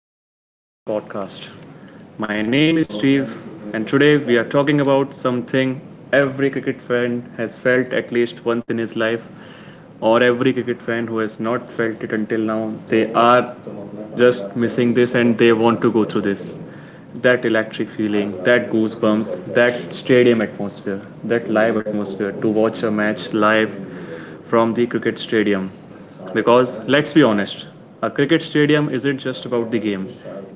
and welcome back to the podcast. My name is Steve, and today we are talking about something every cricket fan has felt at least once in his life, or every cricket fan who has not felt it until now. They are just missing this and they want to go through this. That electric feeling, that goosebumps, that stadium atmosphere, that live atmosphere to watch a match live from the cricket stadium. Because let's be honest, a cricket stadium isn't just about the game,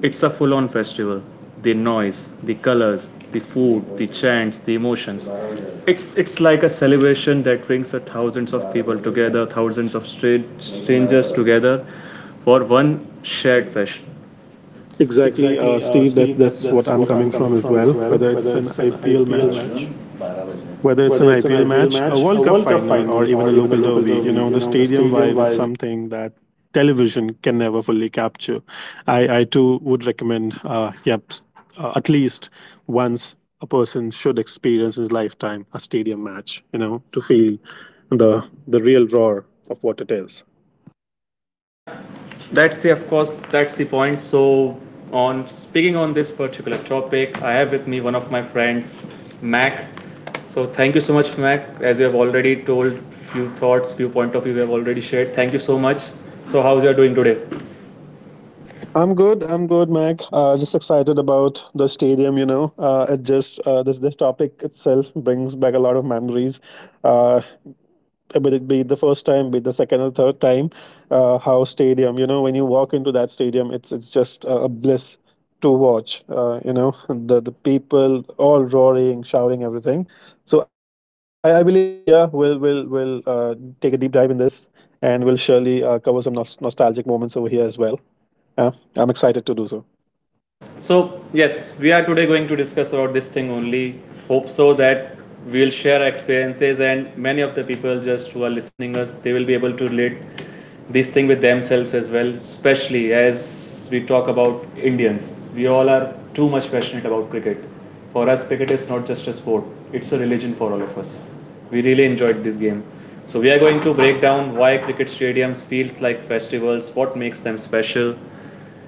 it's a full on festival. The noise, the colors, the food, the chants, the emotions. It's like a celebration that brings a thousands of people together, thousands of strangers together for one shared passion. Exactly, Uh, Steve. That's what I'm coming from as well. Whether it's an IPL match, Match. whether it's an IPL match, a World Cup final, or even a local derby, you know, the stadium vibe is something that television can never fully capture. I too would recommend, at least once a person should experience in his lifetime a stadium match. You know, to feel the the real roar of what it is. Yeah, that's the of course that's the point. So on speaking on this particular topic, I have with me one of my friends, Mac. So thank you so much, Mac. As you have already told few thoughts, few point of view we have already shared. Thank you so much. So how you are doing today? I'm good. I'm good, Mac. Just excited about the stadium. You know, it just this this topic itself brings back a lot of memories. Uh, but it be it the first time, be it the second or third time, how stadium. You know, when you walk into that stadium, it's just a bliss to watch. You know, the people all roaring, shouting, everything. So I believe, yeah, we'll take a deep dive in this, and we'll surely cover some nostalgic moments over here as well. Yeah, I'm excited to do so. So yes, we are today going to discuss about this thing only. Hope so that we'll share our experiences and many of the people just who are listening us they will be able to relate this thing with themselves as well, especially as we talk about Indians. We all are too much passionate about cricket. For us, cricket is not just a sport, it's a religion for all of us. We really enjoyed this game. So, we are going to break down why cricket stadiums feels like festivals, what makes them special,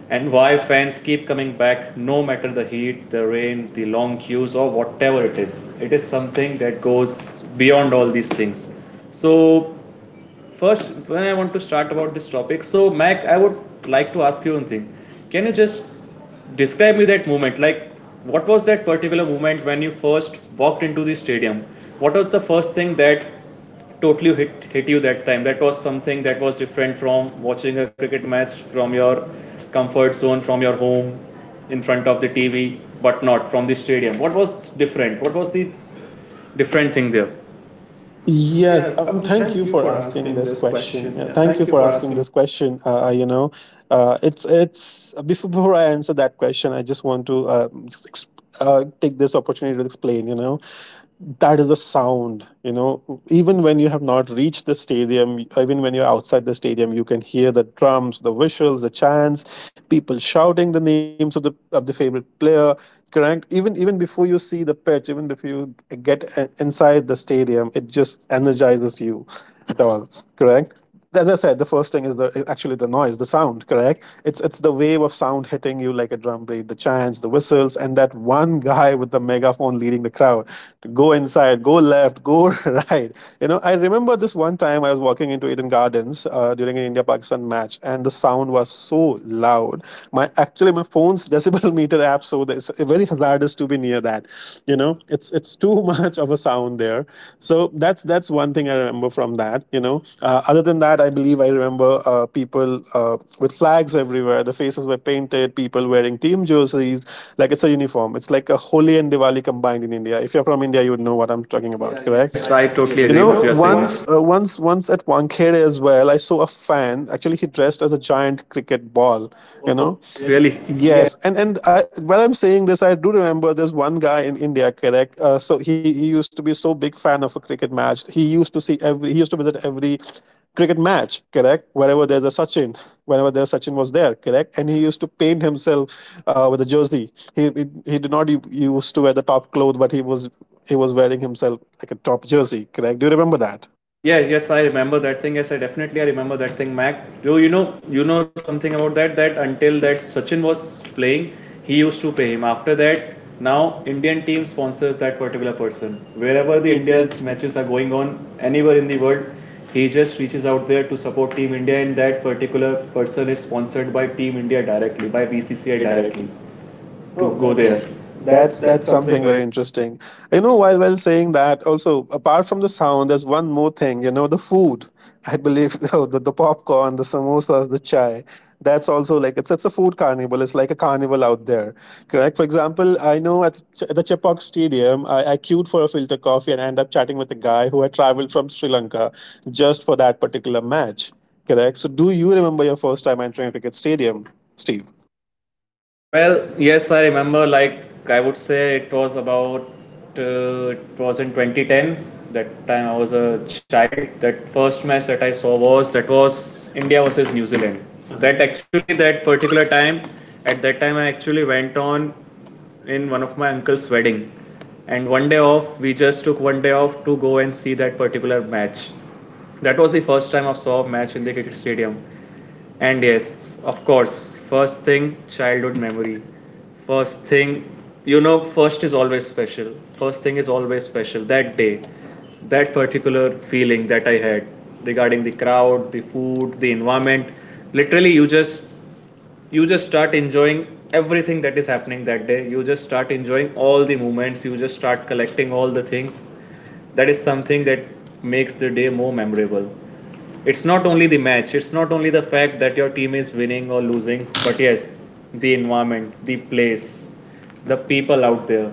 and why fans keep coming back no matter the heat, the rain, the long queues, or whatever it is. It is something that goes beyond all these things. So, first, when I want to start about this topic, so Mac, I would like to ask you one thing. Can you just describe me that moment? Like, what was that particular moment when you first walked into the stadium? What was the first thing that totally hit you that time? That was something that was different from watching a cricket match from your comfort zone, from your home, in front of the TV, but not from the stadium. What was different? What was the different thing there? Yes, Yes, thank thank you you for for asking asking this this question. question. Yeah, Yeah, thank you thank you for for asking asking. this question. You know, before I answer that question, I just want to take this opportunity to explain. You know, that is the sound. You know, even when you have not reached the stadium, even when you're outside the stadium, you can hear the drums, the whistles, the chants, people shouting the names of the favorite player. Correct. Even before you see the pitch, even before you get inside the stadium, it just energizes you at all, correct? As I said, the first thing is the actually the noise, the sound, correct? It's the wave of sound hitting you like a drum beat, the chants, the whistles, and that one guy with the megaphone leading the crowd to go inside, go left, go right. You know, I remember this one time I was walking into Eden Gardens during an India-Pakistan match, and the sound was so loud. My actually my phone's decibel meter app traps, so it's very hazardous to be near that. You know, it's too much of a sound there. So that's one thing I remember from that. You know, other than that, I believe I remember people with flags everywhere, the faces were painted, people wearing team jerseys like it's a uniform. It's like a Holi and Diwali combined in India. If you're from India, you would know what I'm talking about, Yeah, correct? yes, I totally You agree You with know, what know, you are saying. Once. once at Wankhede as well, I saw a fan actually, he dressed as a giant cricket ball, you know. Oh, Oh, really? yes. And while I'm saying this, I do remember there's one guy in India, correct. So he used to be so big fan of a cricket match. He used to see every, he used to visit every cricket match, correct, wherever there's a Sachin, whenever there's Sachin was there, correct. And he used to paint himself with a jersey. He did not used to wear the top clothes, but he was wearing himself like a top jersey, correct. Do you remember that? Yeah, yeah, yes, I remember that thing. Yes, I definitely I remember that thing, Mac. Do you know something about that? That until that Sachin was playing, he used to pay him. After that, now Indian team sponsors that particular person. Wherever the India's matches are going on, anywhere in the world, he just reaches out there to support Team India, and that particular person is sponsored by Team India directly, by BCCI directly, to Oh, Oh, go that's that's- there. that's That's that's something very interesting. You know, while saying that, also apart from the sound, there's one more thing. You know, the food. I believe the popcorn, the samosas, the chai. That's also like it's a food carnival. It's like a carnival out there, correct? For example, I know at, at the Chepauk Stadium, I queued for a filter coffee and I ended up chatting with a guy who had traveled from Sri Lanka just for that particular match, correct? So, do you remember your first time entering a cricket stadium, Steve? Well, yes, I remember. Like I would say, it was about it was in 2010. That time I was a child. That first match that I saw was that was India versus New Zealand. That actually that particular time, at that time I actually went on in one of my uncle's wedding, and one day off. We just took one day off to go and see that particular match. That was the first time I saw a match in the cricket stadium and yes, of course, first thing, childhood memory. First thing, you know, first is always special. First thing is always special. That day, that particular feeling that I had regarding the crowd, the food, the environment. Literally, you just start enjoying everything that is happening that day. You just start enjoying all the moments. You just start collecting all the things that is something that makes the day more memorable. It's not only the match, it's not only the fact that your team is winning or losing, but yes, the environment, the place, the people out there,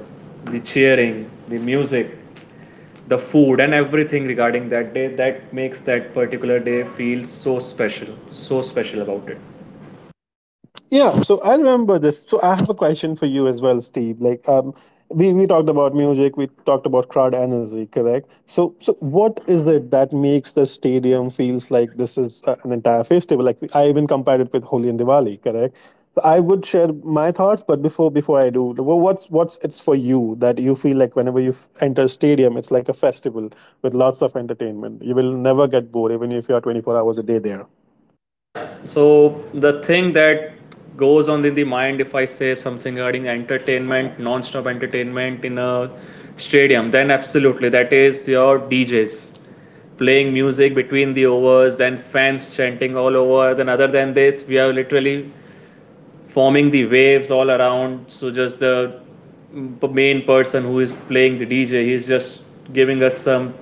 the cheering, the music, the food, and everything regarding that day that makes that particular day feel so special, so special about it. Yeah, so I remember this. So I have a question for you as well, Steve. Like, we talked about music, we talked about crowd energy, correct? So, so what is it that makes the stadium feels like this is an entire festival? Like, I even compared it with Holi and Diwali, correct? So I would share my thoughts, but before I do, what's it's for you that you feel like whenever you enter a stadium, it's like a festival with lots of entertainment. You will never get bored, even if you are 24 hours a day there. Yeah. So the thing that goes on in the mind if I say something regarding entertainment, non-stop entertainment in a stadium, then absolutely that is your DJs playing music between the overs, then fans chanting all over. Then other than this, we have literally forming the waves all around. So just the main person who is playing the DJ, he's just giving us some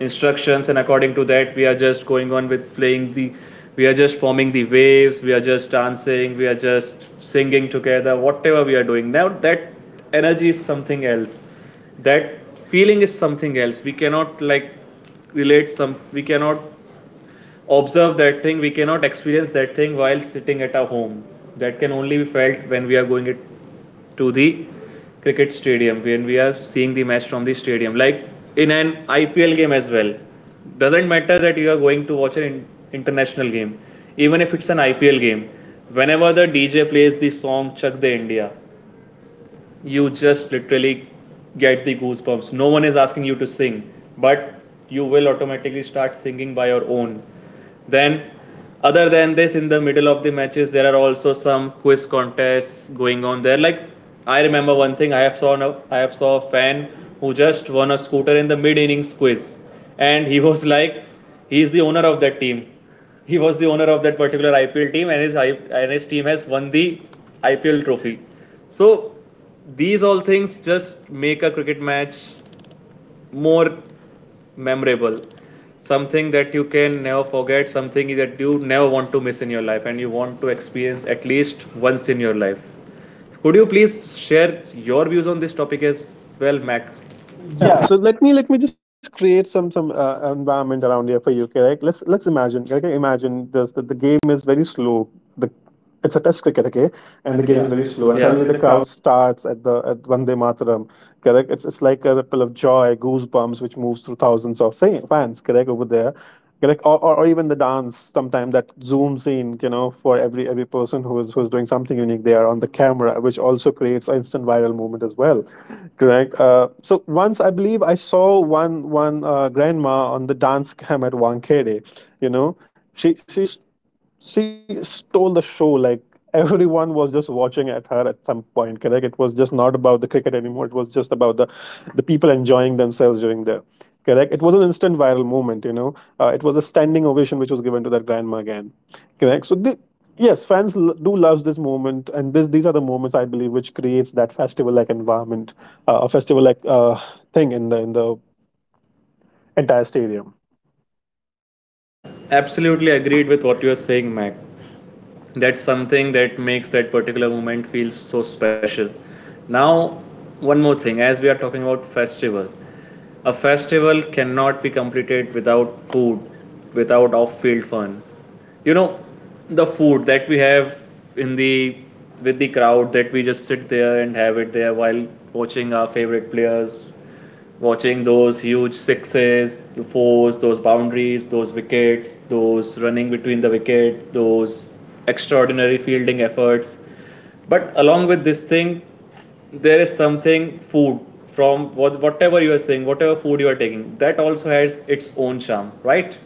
instructions, and according to that, we are just going on with playing the. We are just forming the waves. We are just dancing. We are just singing together. Whatever we are doing now, that energy is something else. That feeling is something else. We cannot like relate some. We cannot observe that thing. We cannot experience that thing while sitting at our home. That can only be felt when we are going it to the cricket stadium, when we are seeing the match from the stadium. Like in an IPL game as well. Doesn't matter that you are going to watch an international game, even if it's an IPL game. Whenever the DJ plays the song Chak De India, you just literally get the goosebumps. No one is asking you to sing, but you will automatically start singing by your own. Then, other than this, in the middle of the matches, there are also some quiz contests going on there. Like I remember one thing, I have saw a fan who just won a scooter in the mid innings quiz, and he was like, he is the owner of that team. He was the owner of that particular IPL team, and his team has won the IPL trophy. So these all things just make a cricket match more memorable, something that you can never forget, something that you never want to miss in your life, and you want to experience at least once in your life. Could you please share your views on this topic as well, Mac? Yeah, Yeah, so let me just create some environment around here for you, correct. Let's imagine, okay. Okay, imagine this, the game is very slow, the it's a test cricket, okay. And and the the game. game Yeah, is is very very slow slow. and Yeah. Yeah, suddenly suddenly the the crowd. crowd starts at the at Vande Mataram, correct. It's like a ripple of joy, goosebumps, which moves through thousands of fans, correct, over there, correct. Or even the dance sometime that zooms in, you know, for every person who is who's doing something unique, they are on the camera, which also creates instant viral movement as well, correct. So once I believe I saw one grandma on the dance cam at Wankere, you know. She's, she stole the show. Like, everyone was just watching at her at some point. Correct? It was just not about the cricket anymore. It was just about the people enjoying themselves during the, correct. It was an instant viral moment. You know, it was a standing ovation which was given to their grandma again. Correct? So the, yes, fans do love this moment, and this these are the moments I believe which creates that festival like environment, a festival like thing in the entire stadium. Yeah, absolutely agreed with what you are saying, Mac. That's something that makes that particular moment feel so special. Now, one more thing, as we are talking about festival, a festival cannot be completed without food, without off-field fun. You know, the food that we have in the with the crowd that we just sit there and have it there while watching our favorite players, watching those huge sixes, the fours, those boundaries, those wickets, those running between the wicket, those extraordinary fielding efforts. But along with this thing, there is something food from what, whatever you are saying, whatever food you are taking, that also has its own charm, right?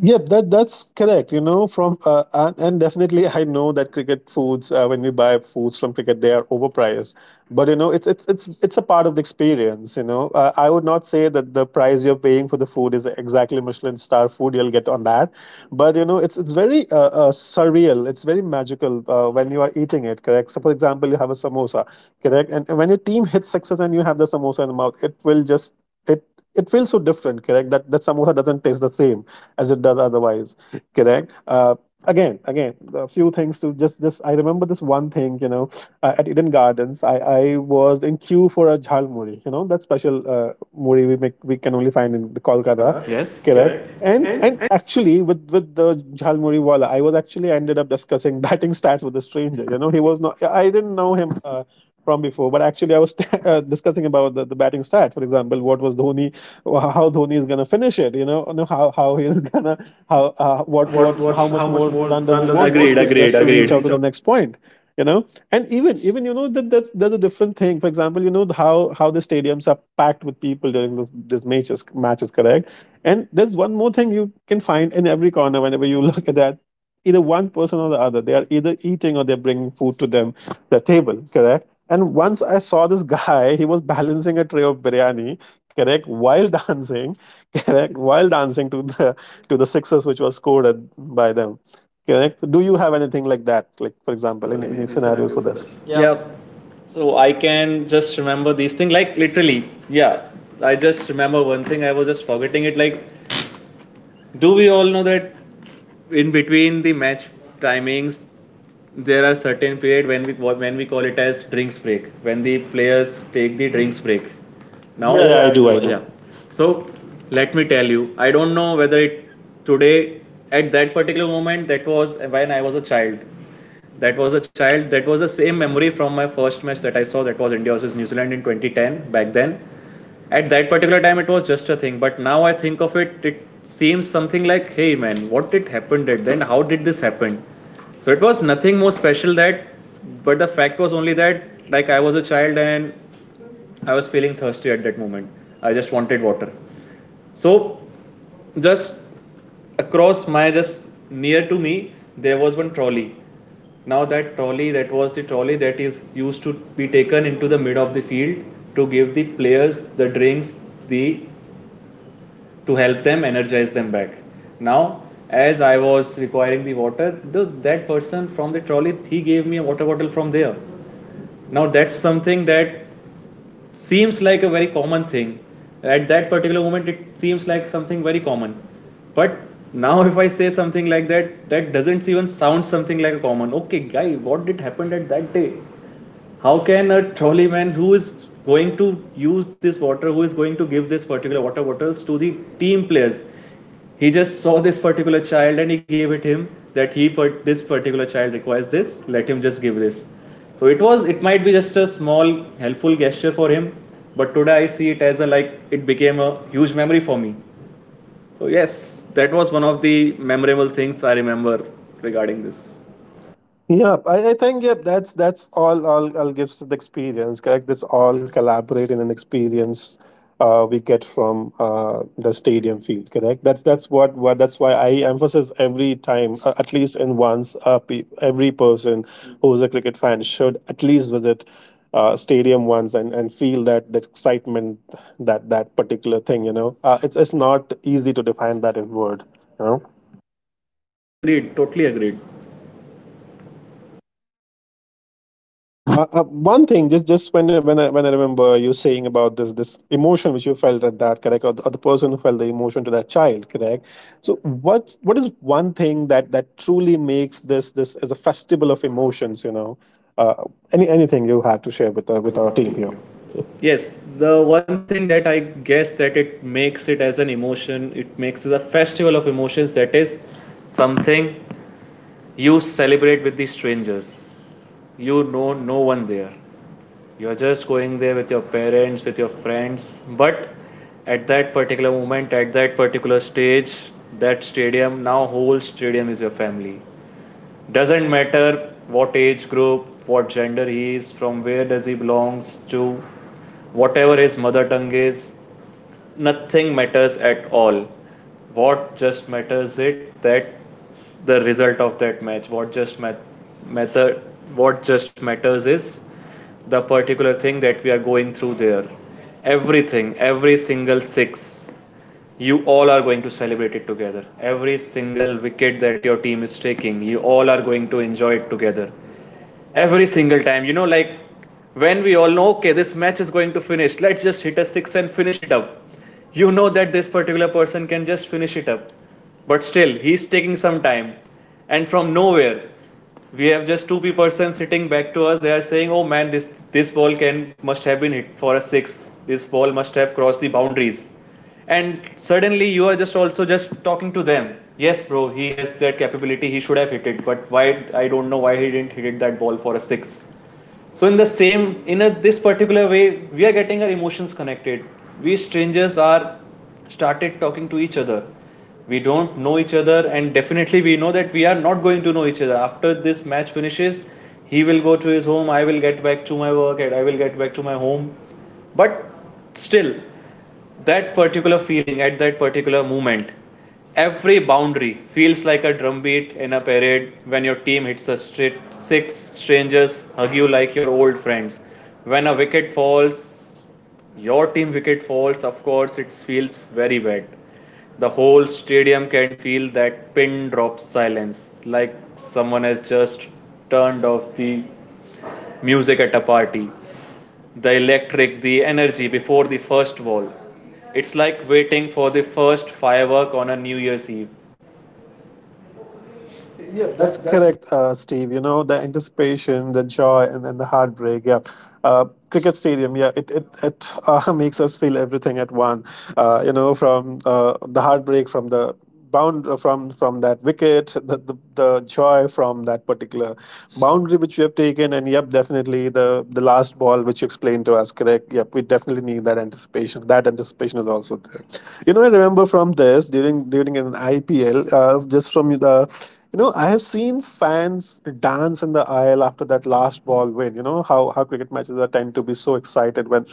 Yeah, that that's correct. You know, from and definitely, I know that cricket foods. When we buy foods from cricket, they are overpriced. But you know, it's it's a part of the experience. You know, I would not say that the price you're paying for the food is exactly Michelin star food you'll get on that. But you know, it's very surreal. It's very magical when you are eating it. Correct. So, for example, you have a samosa. Correct. And when your team hits sixes and you have the samosa in the mouth, it will just it it feels so different. Correct. That samosa doesn't taste the same as it does otherwise. Correct. Again, a few things to just. I remember this one thing. You know, at Eden Gardens, I was in queue for a jhal muri. You know that special muri we make, we can only find in the Kolkata. Kolkata. Yes. Correct. Correct. And and And actually with the Jhalmuri wala, I was actually ended up discussing batting stats with a stranger. You know, he was not. I didn't know him from before, but actually I was discussing about the batting stat. For example, what was Dhoni, how Dhoni is gonna finish it. You know, how he is gonna, how what what how how much much more more run run does he does it want, Agreed, agreed, want just to agreed, agreed, to just to agreed. agreed. Reach out to Reach the next point. You know, and even you know that that's a different thing. For example, you know how the stadiums are packed with people during this matches. Correct. And there's one more thing you can find in every corner whenever you look at that. Either one person or the other, they are either eating or they're bringing food to them, the table, correct? And once I saw this guy, he was balancing a tray of biryani, correct, while dancing, correct, while dancing to the sixes which was scored at, by them, correct. Do you have anything like that, like, for for example, example, any any scenarios scenarios for for this? this. Yeah. So I can just remember these things, like literally. Yeah. I just remember one thing, I was just forgetting it. Like, do we all know that in between the match timings, there are certain period when we call it as drinks break, when the players take the drinks break No? now? Yeah, Yeah, yeah, yeah, I I do, do. I I do. Yeah. do. Do. So let me tell you, I don't know whether it today at that particular moment that was when I was a child. That was a child. That was the same memory from my first match that I saw. That was India versus New Zealand in 2010. Back then, at that particular time, it was just a thing. But now I think of it, it seems something like, hey man, what did happen at then? How did this happen? So it was nothing more special that, but the fact was only that like I was a child and I was feeling thirsty at that moment. I just wanted water. So, just across my, just near to me, there was one trolley. Now, that trolley, that was the trolley that is used to be taken into the mid of the field to give the players the drinks, the to help them energize them back. Now, as I was requiring the water, the, that person from the trolley, he gave me a water bottle from there. Now that's something that seems like a very common thing. At that particular moment, it seems like something very common. But now, if I say something like that, that doesn't even sound something like a common. Okay, guy, what did happen at that day? How can a trolley man who is going to use this water, who is going to give this particular water bottles to the team players, he just saw this particular child and he gave it him, that he, but this particular child requires this, let him just give this. So it was, it might be just a small helpful gesture for him, but today I see it as a, like, it became a huge memory for me. So yes, that was one of the memorable things I remember regarding this. Yeah, I think yep. That's all. All gives the experience. Correct. That's all collaborate in an experience. We get from the stadium field. Correct. That's what, that's why I emphasize every time, at least in once, every person who is a cricket fan should at least visit stadium once and feel that that excitement, that that particular thing. You know, it's not easy to define that in word. You know. Yeah, agreed, totally agreed. Uh, uh, One thing, just when when I remember you saying about this emotion which you felt at that, correct, or the person who felt the emotion to that child, correct. So what is one thing that truly makes this as a festival of emotions? Uh, anything you have to share with our team here? So yes, the one thing that I guess that it makes it as an emotion, it makes it a festival of emotions. That is something you celebrate with the strangers. You know, no one there. You are just going there with your parents, with your friends. But at that particular moment, at that particular stage, that stadium, now whole stadium is your family. Doesn't matter what age group, what gender he is from, where does he belongs to, whatever his mother tongue is. Nothing matters at all. What just matters it that the result of that match, what just matter, what just matters is the particular thing that we are going through there. Everything, every single six, you all are going to celebrate it together. Every single wicket that your team is taking, you all are going to enjoy it together. Every single time, you know, like, when we all know, okay, this match is going to finish, let's just hit a six and finish it up. You know that this particular person can just finish it up, but still, he's taking some time, and from nowhere, we have just two people persons sitting back to us. They are saying, "Oh man, this ball can must have been hit for a six. This ball must have crossed the boundaries." And suddenly you are just also just talking to them. Yes, bro, he has that capability. He should have hit it, but why? I don't know why he didn't hit it that ball for a six. So, in the same in a, this particular way, we are getting our emotions connected. We strangers are started talking to each other. We don't know each other, and definitely we know that we are not going to know each other after this match finishes. He will go to his home, I will get back to my work, and I will get back to my home. But still, that particular feeling at that particular moment, every boundary feels like a drumbeat in a parade when your team hits a straight six. Strangers hug you like your old friends. When a wicket falls, your team wicket falls, of course it feels very bad. The whole stadium can feel that pin drop silence, like someone has just turned off the music at a party. The energy before the first wall. It's like waiting for the first firework on a New Year's Eve. Yep, that's That, that's correct, Steve. You know, the anticipation, the joy, and then the heartbreak. Yeah, uh, cricket stadium. Yeah, it makes us feel everything at one. You know, from the heartbreak from the bound from that wicket, the joy from that particular boundary which we have taken, and yep, definitely the last ball which you explained to us. Correct. Yep, we definitely need that anticipation. That anticipation is also there. You know, I remember from this during an IPL, just from the, you know, I have seen fans dance in the aisle after that last ball win. You know how cricket matches are tend to be so excited when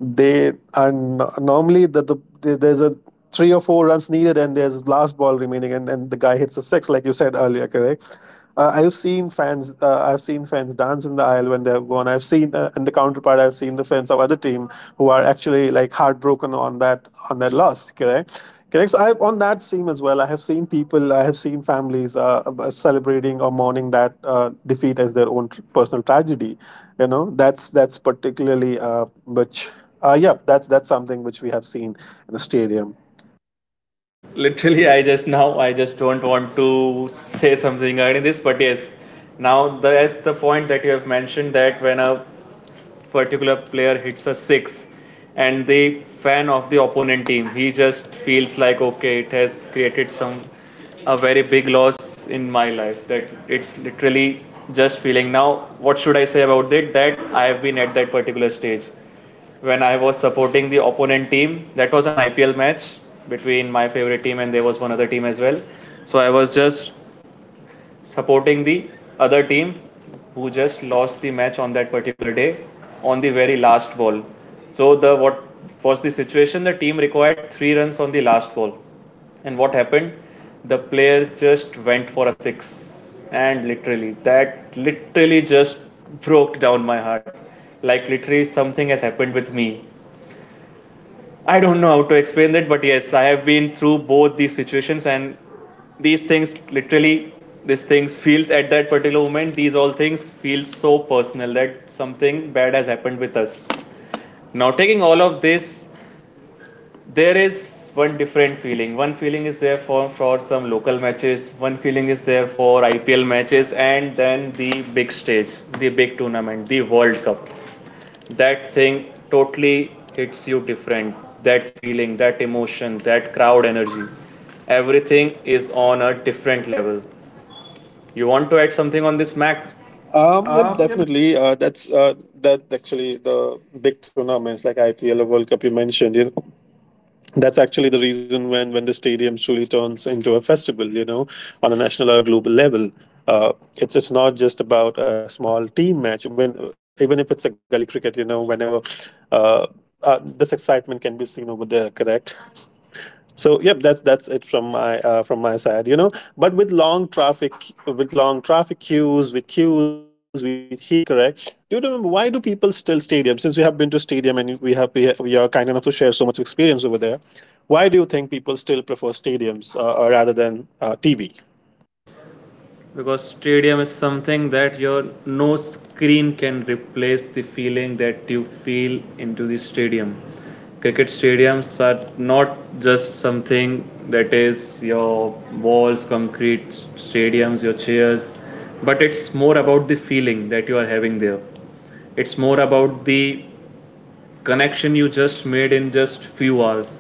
they are normally the there's a three or four runs needed and there's last ball remaining, and then the guy hits a six like you said earlier. Correct. I've seen fans. I've seen fans dance in the aisle when they've won. I've seen, in the counterpart, I've seen the fans of other team who are actually like heartbroken on that loss. Correct, correct. So I on that scene as well. I have seen people. I have seen families celebrating or mourning that defeat as their own personal tragedy. You know, that's particularly which. Yeah, that's something which we have seen in the stadium. Literally, I just, now I just don't want to say something regarding this, but yes, now that's the point that you have mentioned that when a particular player hits a six, and the fan of the opponent team, he just feels like, okay, it has created some a very big loss in my life, that it's literally just feeling. Now, what should I say about it? That I have been at that particular stage when I was supporting the opponent team. That was an IPL match between my favorite team and there was one other team as well. So I was just supporting the other team who just lost the match on that particular day, on the very last ball. So, the what was the situation? The team required three runs on the last ball, and what happened? The player just went for a six, and literally that literally just broke down my heart. Like, literally something has happened with me. I don't know how to explain that, but yes, I have been through both these situations, and these things literally, these things feels at that particular moment. These all things feel so personal that something bad has happened with us. Now, taking all of this, there is one different feeling. One feeling is there for some local matches. One feeling is there for IPL matches, and then the big stage, the big tournament, the World Cup, that thing totally hits you different. That feeling, that emotion, that crowd energy, everything is on a different level. You want to add something on this, Mac? Yep, Yeah, definitely. That actually the big tournaments like IPL or World Cup you mentioned. You know, that's actually the reason when the stadium truly turns into a festival. You know, on a national or global level, it's not just about a small team match. When even if it's a gully cricket, you know, whenever uh, this excitement can be seen over there. Correct. So yep, that's it from my side, you know. But with long traffic queues, with heat, correct? Do you remember why do people still stadium? Since we have been to stadium and we have we are kind enough to share so much experience over there, why do you think people still prefer stadiums rather than TV? because stadium is something that your no screen can replace the feeling that you feel into the stadium. Cricket stadiums are not just something that is your walls, concrete stadiums, your chairs, but it's more about the feeling that you are having there. It's more about the connection you just made in just few hours.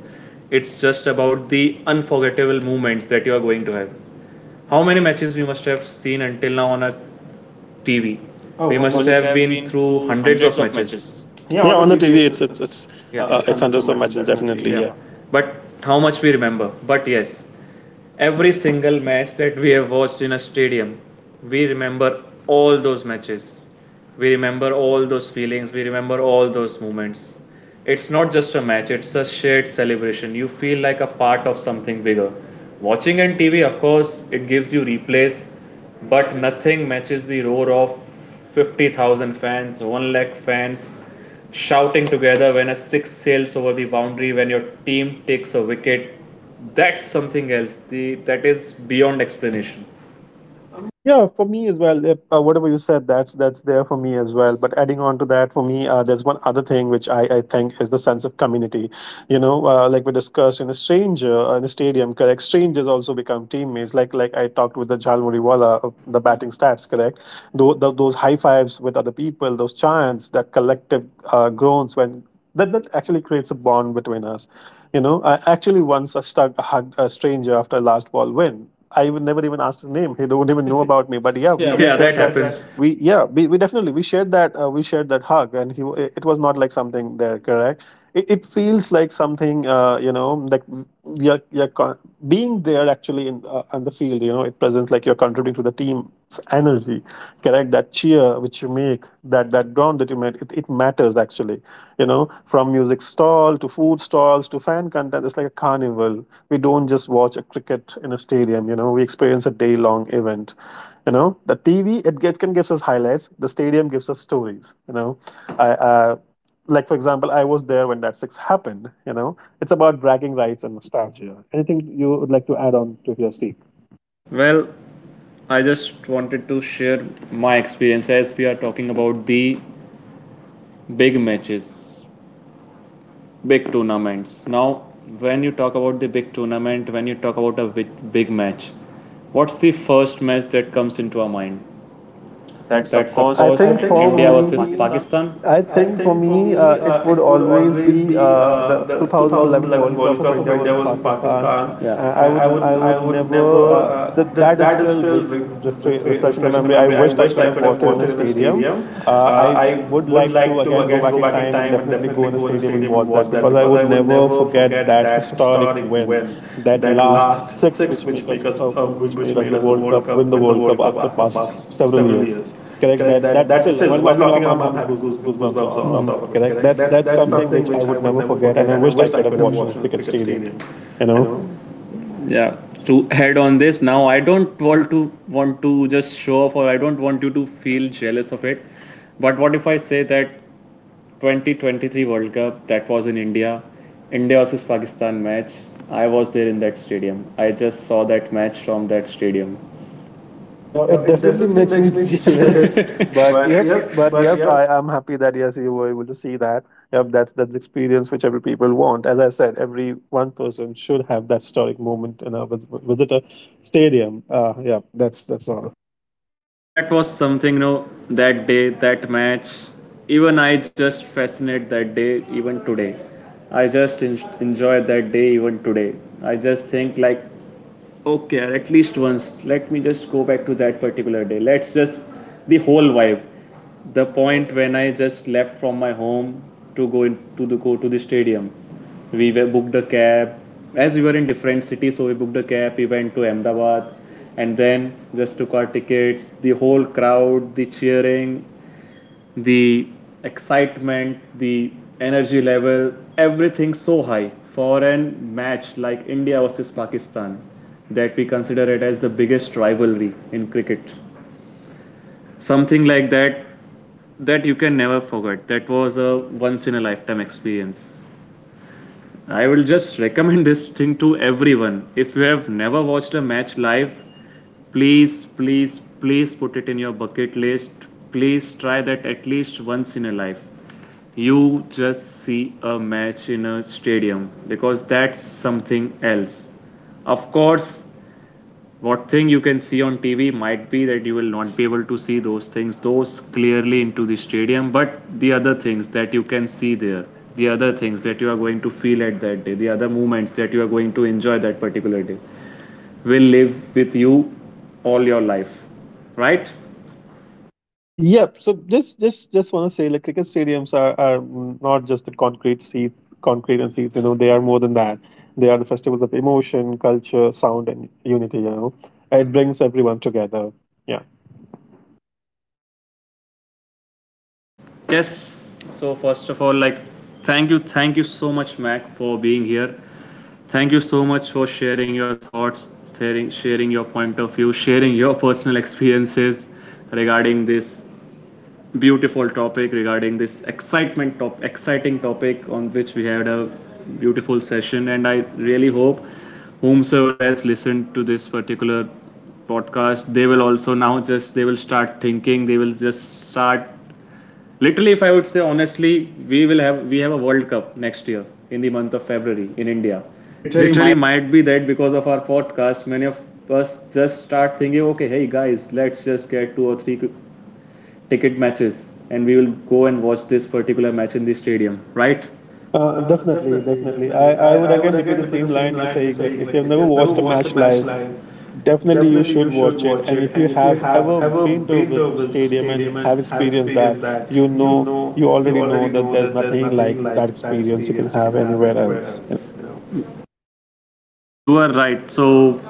It's just about the unforgettable moments that you are going to have. How many matches we must have seen until now on a TV? Oh, we Oh, on must the. Have been through hundreds of matches. Yeah, Yeah, on the on the TV. TV, Yeah, it's it's 100 hundreds of matches definitely. Yeah, definitely. yeah. Yeah. But how much we remember. But yes, every single match that we have watched in a stadium, we remember all those matches. We remember all those feelings. We remember all those moments. It's not just a match, it's a shared celebration. You feel like a part of something bigger. Watching on TV, of course, it gives you replays, but nothing matches the roar of 50,000 fans, 1 lakh fans, shouting together when a six sails over the boundary, when your team takes a wicket. That's something else. The that is beyond explanation. Yeah, for me as well. If, whatever you said, that's there for me as well. But adding on to that, for me, there's one other thing which I think is the sense of community. You know, like we discussed in a stranger in a stadium, correct? Strangers also become teammates. Like I talked with the Jalmuri Wala, of the batting stats, correct? Those high fives with other people, those chants, that collective groans when that that actually creates a bond between us. You know, I actually once I stuck a hugged a stranger after a last ball win. I would never even asked his name. He don't even know about me. But yeah, But we, yeah. we we That shared should, that. happens. We definitely we shared that. We shared that hug, and he it was not like something there. Correct. It feels like something. You know, like you're being there actually in on the field. You know, it presents like you're contributing to the team's energy. Correct, that cheer which you make, that ground that you make it, it matters actually. You know, from music stall to food stalls to fan content, it's like a carnival. We don't just watch a cricket in a stadium, you know, we experience a day long event. You know, the TV can gives us highlights, the stadium gives us stories. You know, I like for example I was there when that six happened. You know, it's about bragging rights and nostalgia. Anything you would like to add on to your Steve? That. Well, I just wanted to share my experience as we are talking about the big matches, big tournaments. Now, when you talk about the big tournament, when you talk about a big, big match, what's the first match that comes into our mind? That's of I course think for India me, versus Pakistan. I think for Thing for me, me, it would always always be be, the the 2000 2011 World when Cup of India India versus was in Pakistan. Pakistan. Yeah. I I would, I would would never. never, uh, That that that is that is still still re- refresh the memory. I wished I could have watched it in a stadium. I I would would like to like to again go back go in back in time and time and definitely the go in a stadium and stadium and watch that watch, because I because would I would never never forget forget that that historic historic win, win, that that last last six six which which make us, which made us made the us the World World Cup, win Cup, the win the World World Cup Cup after after past past several several years. years. Correct, Correct, that that that still while while locking locking up I'm arm, I'm having having goose, goosebumps goosebumps on, on mm-hmm, top of top it. of Correct, it. that's That's something something which I which I would would never never forget, and forget, I and I wished I wished I could have could have watched in a watched in a cricket cricket stadium. stadium. You You know, know, yeah, to head on this, now I don't want to just show off, or I don't want you to feel jealous of it, but what if I say that 2023 World Cup that was in India, India versus Pakistan match, I was there in that stadium, I just saw that match from that stadium. now Yeah, it it definitely definitely makes me makes me jealous. jealous. but But yep yeah, but but yep I am happy that yes you were able to see that. Yep, that's the experience which every people want. As I said, every one person should have that historic moment. You know, visit a stadium. Yeah, that's all. that was something, you know, that day, that match, even I just fascinate that day even today, I just enjoy that day even today. I just think like, okay, at least once, let me just go back to that particular day, let's just, the whole vibe, the point when I just left from my home to go to the stadium, we were booked a cab, as we were in different cities, so we booked a cab, we went to Ahmedabad, and then just took our tickets, the whole crowd, the cheering, the excitement, the energy level, everything so high for an match like India versus Pakistan, that we consider it as the biggest rivalry in cricket, something like that, that you can never forget. That was a once in a lifetime experience. I will just recommend this thing to everyone. If you have never watched a match live, please, please, please put it in your bucket list. Please try that at least once in a life. You just see a match in a stadium, because that's something else. Of course, what thing you can see on TV might be that you will not be able to see those things, those clearly into the stadium, but the other things that you can see there, the other things that you are going to feel at that day, the other moments that you are going to enjoy that particular day will live with you all your life, right? Yep. So just want to say, like, cricket stadiums are not just the concrete seats, concrete and seats. You know, they are more than that. They are the festivals of emotion, culture, sound, and unity. You know, it brings everyone together. Yeah. Yes. So first of all, like, thank you so much, Mac, for being here. Thank you so much for sharing your thoughts, sharing, sharing your point of view, sharing your personal experiences regarding this beautiful topic, regarding this excitement top exciting topic on which we had a beautiful session, and I really hope, whomsoever has listened to this particular podcast, they will also now just, they will start thinking, they will just start, literally, if I would say honestly, we have a World Cup next year, in the month of February in India. Literally might be that, because of our podcast, many of us just start thinking, okay, hey guys, let's just get two or three ticket matches, and we will go and watch this particular match in the stadium, right? Definitely, definitely. I would again repeat Again, the repeat the same same line you're line, you, saying. Like, if like, you've if never you've never watched a watched a match match live, live, definitely, you definitely you should should watch it. watch And it. if And you if you have have ever ever been to a been to a stadium and stadium and have have experienced experienced that, that, you mm-hmm, you know, know, you you already know already that know there's that there's nothing like nothing like that that experience you can experience you have can have anywhere anywhere else. else. You know. You are right. So,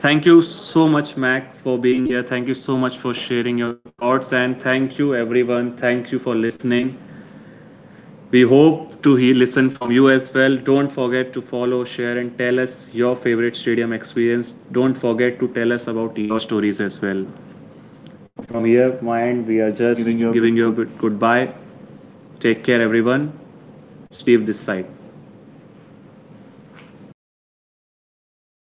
thank you so much, Mac, for being here. Thank you so much for sharing your thoughts, and thank you, everyone. Thank you for listening. We hope to hear, listen from you as well. Don't forget to follow, share, and tell us your favorite stadium experience. Don't forget to tell us about your stories as well. From here, my end, we are just giving you a bit goodbye. Take care, everyone. Steve this side.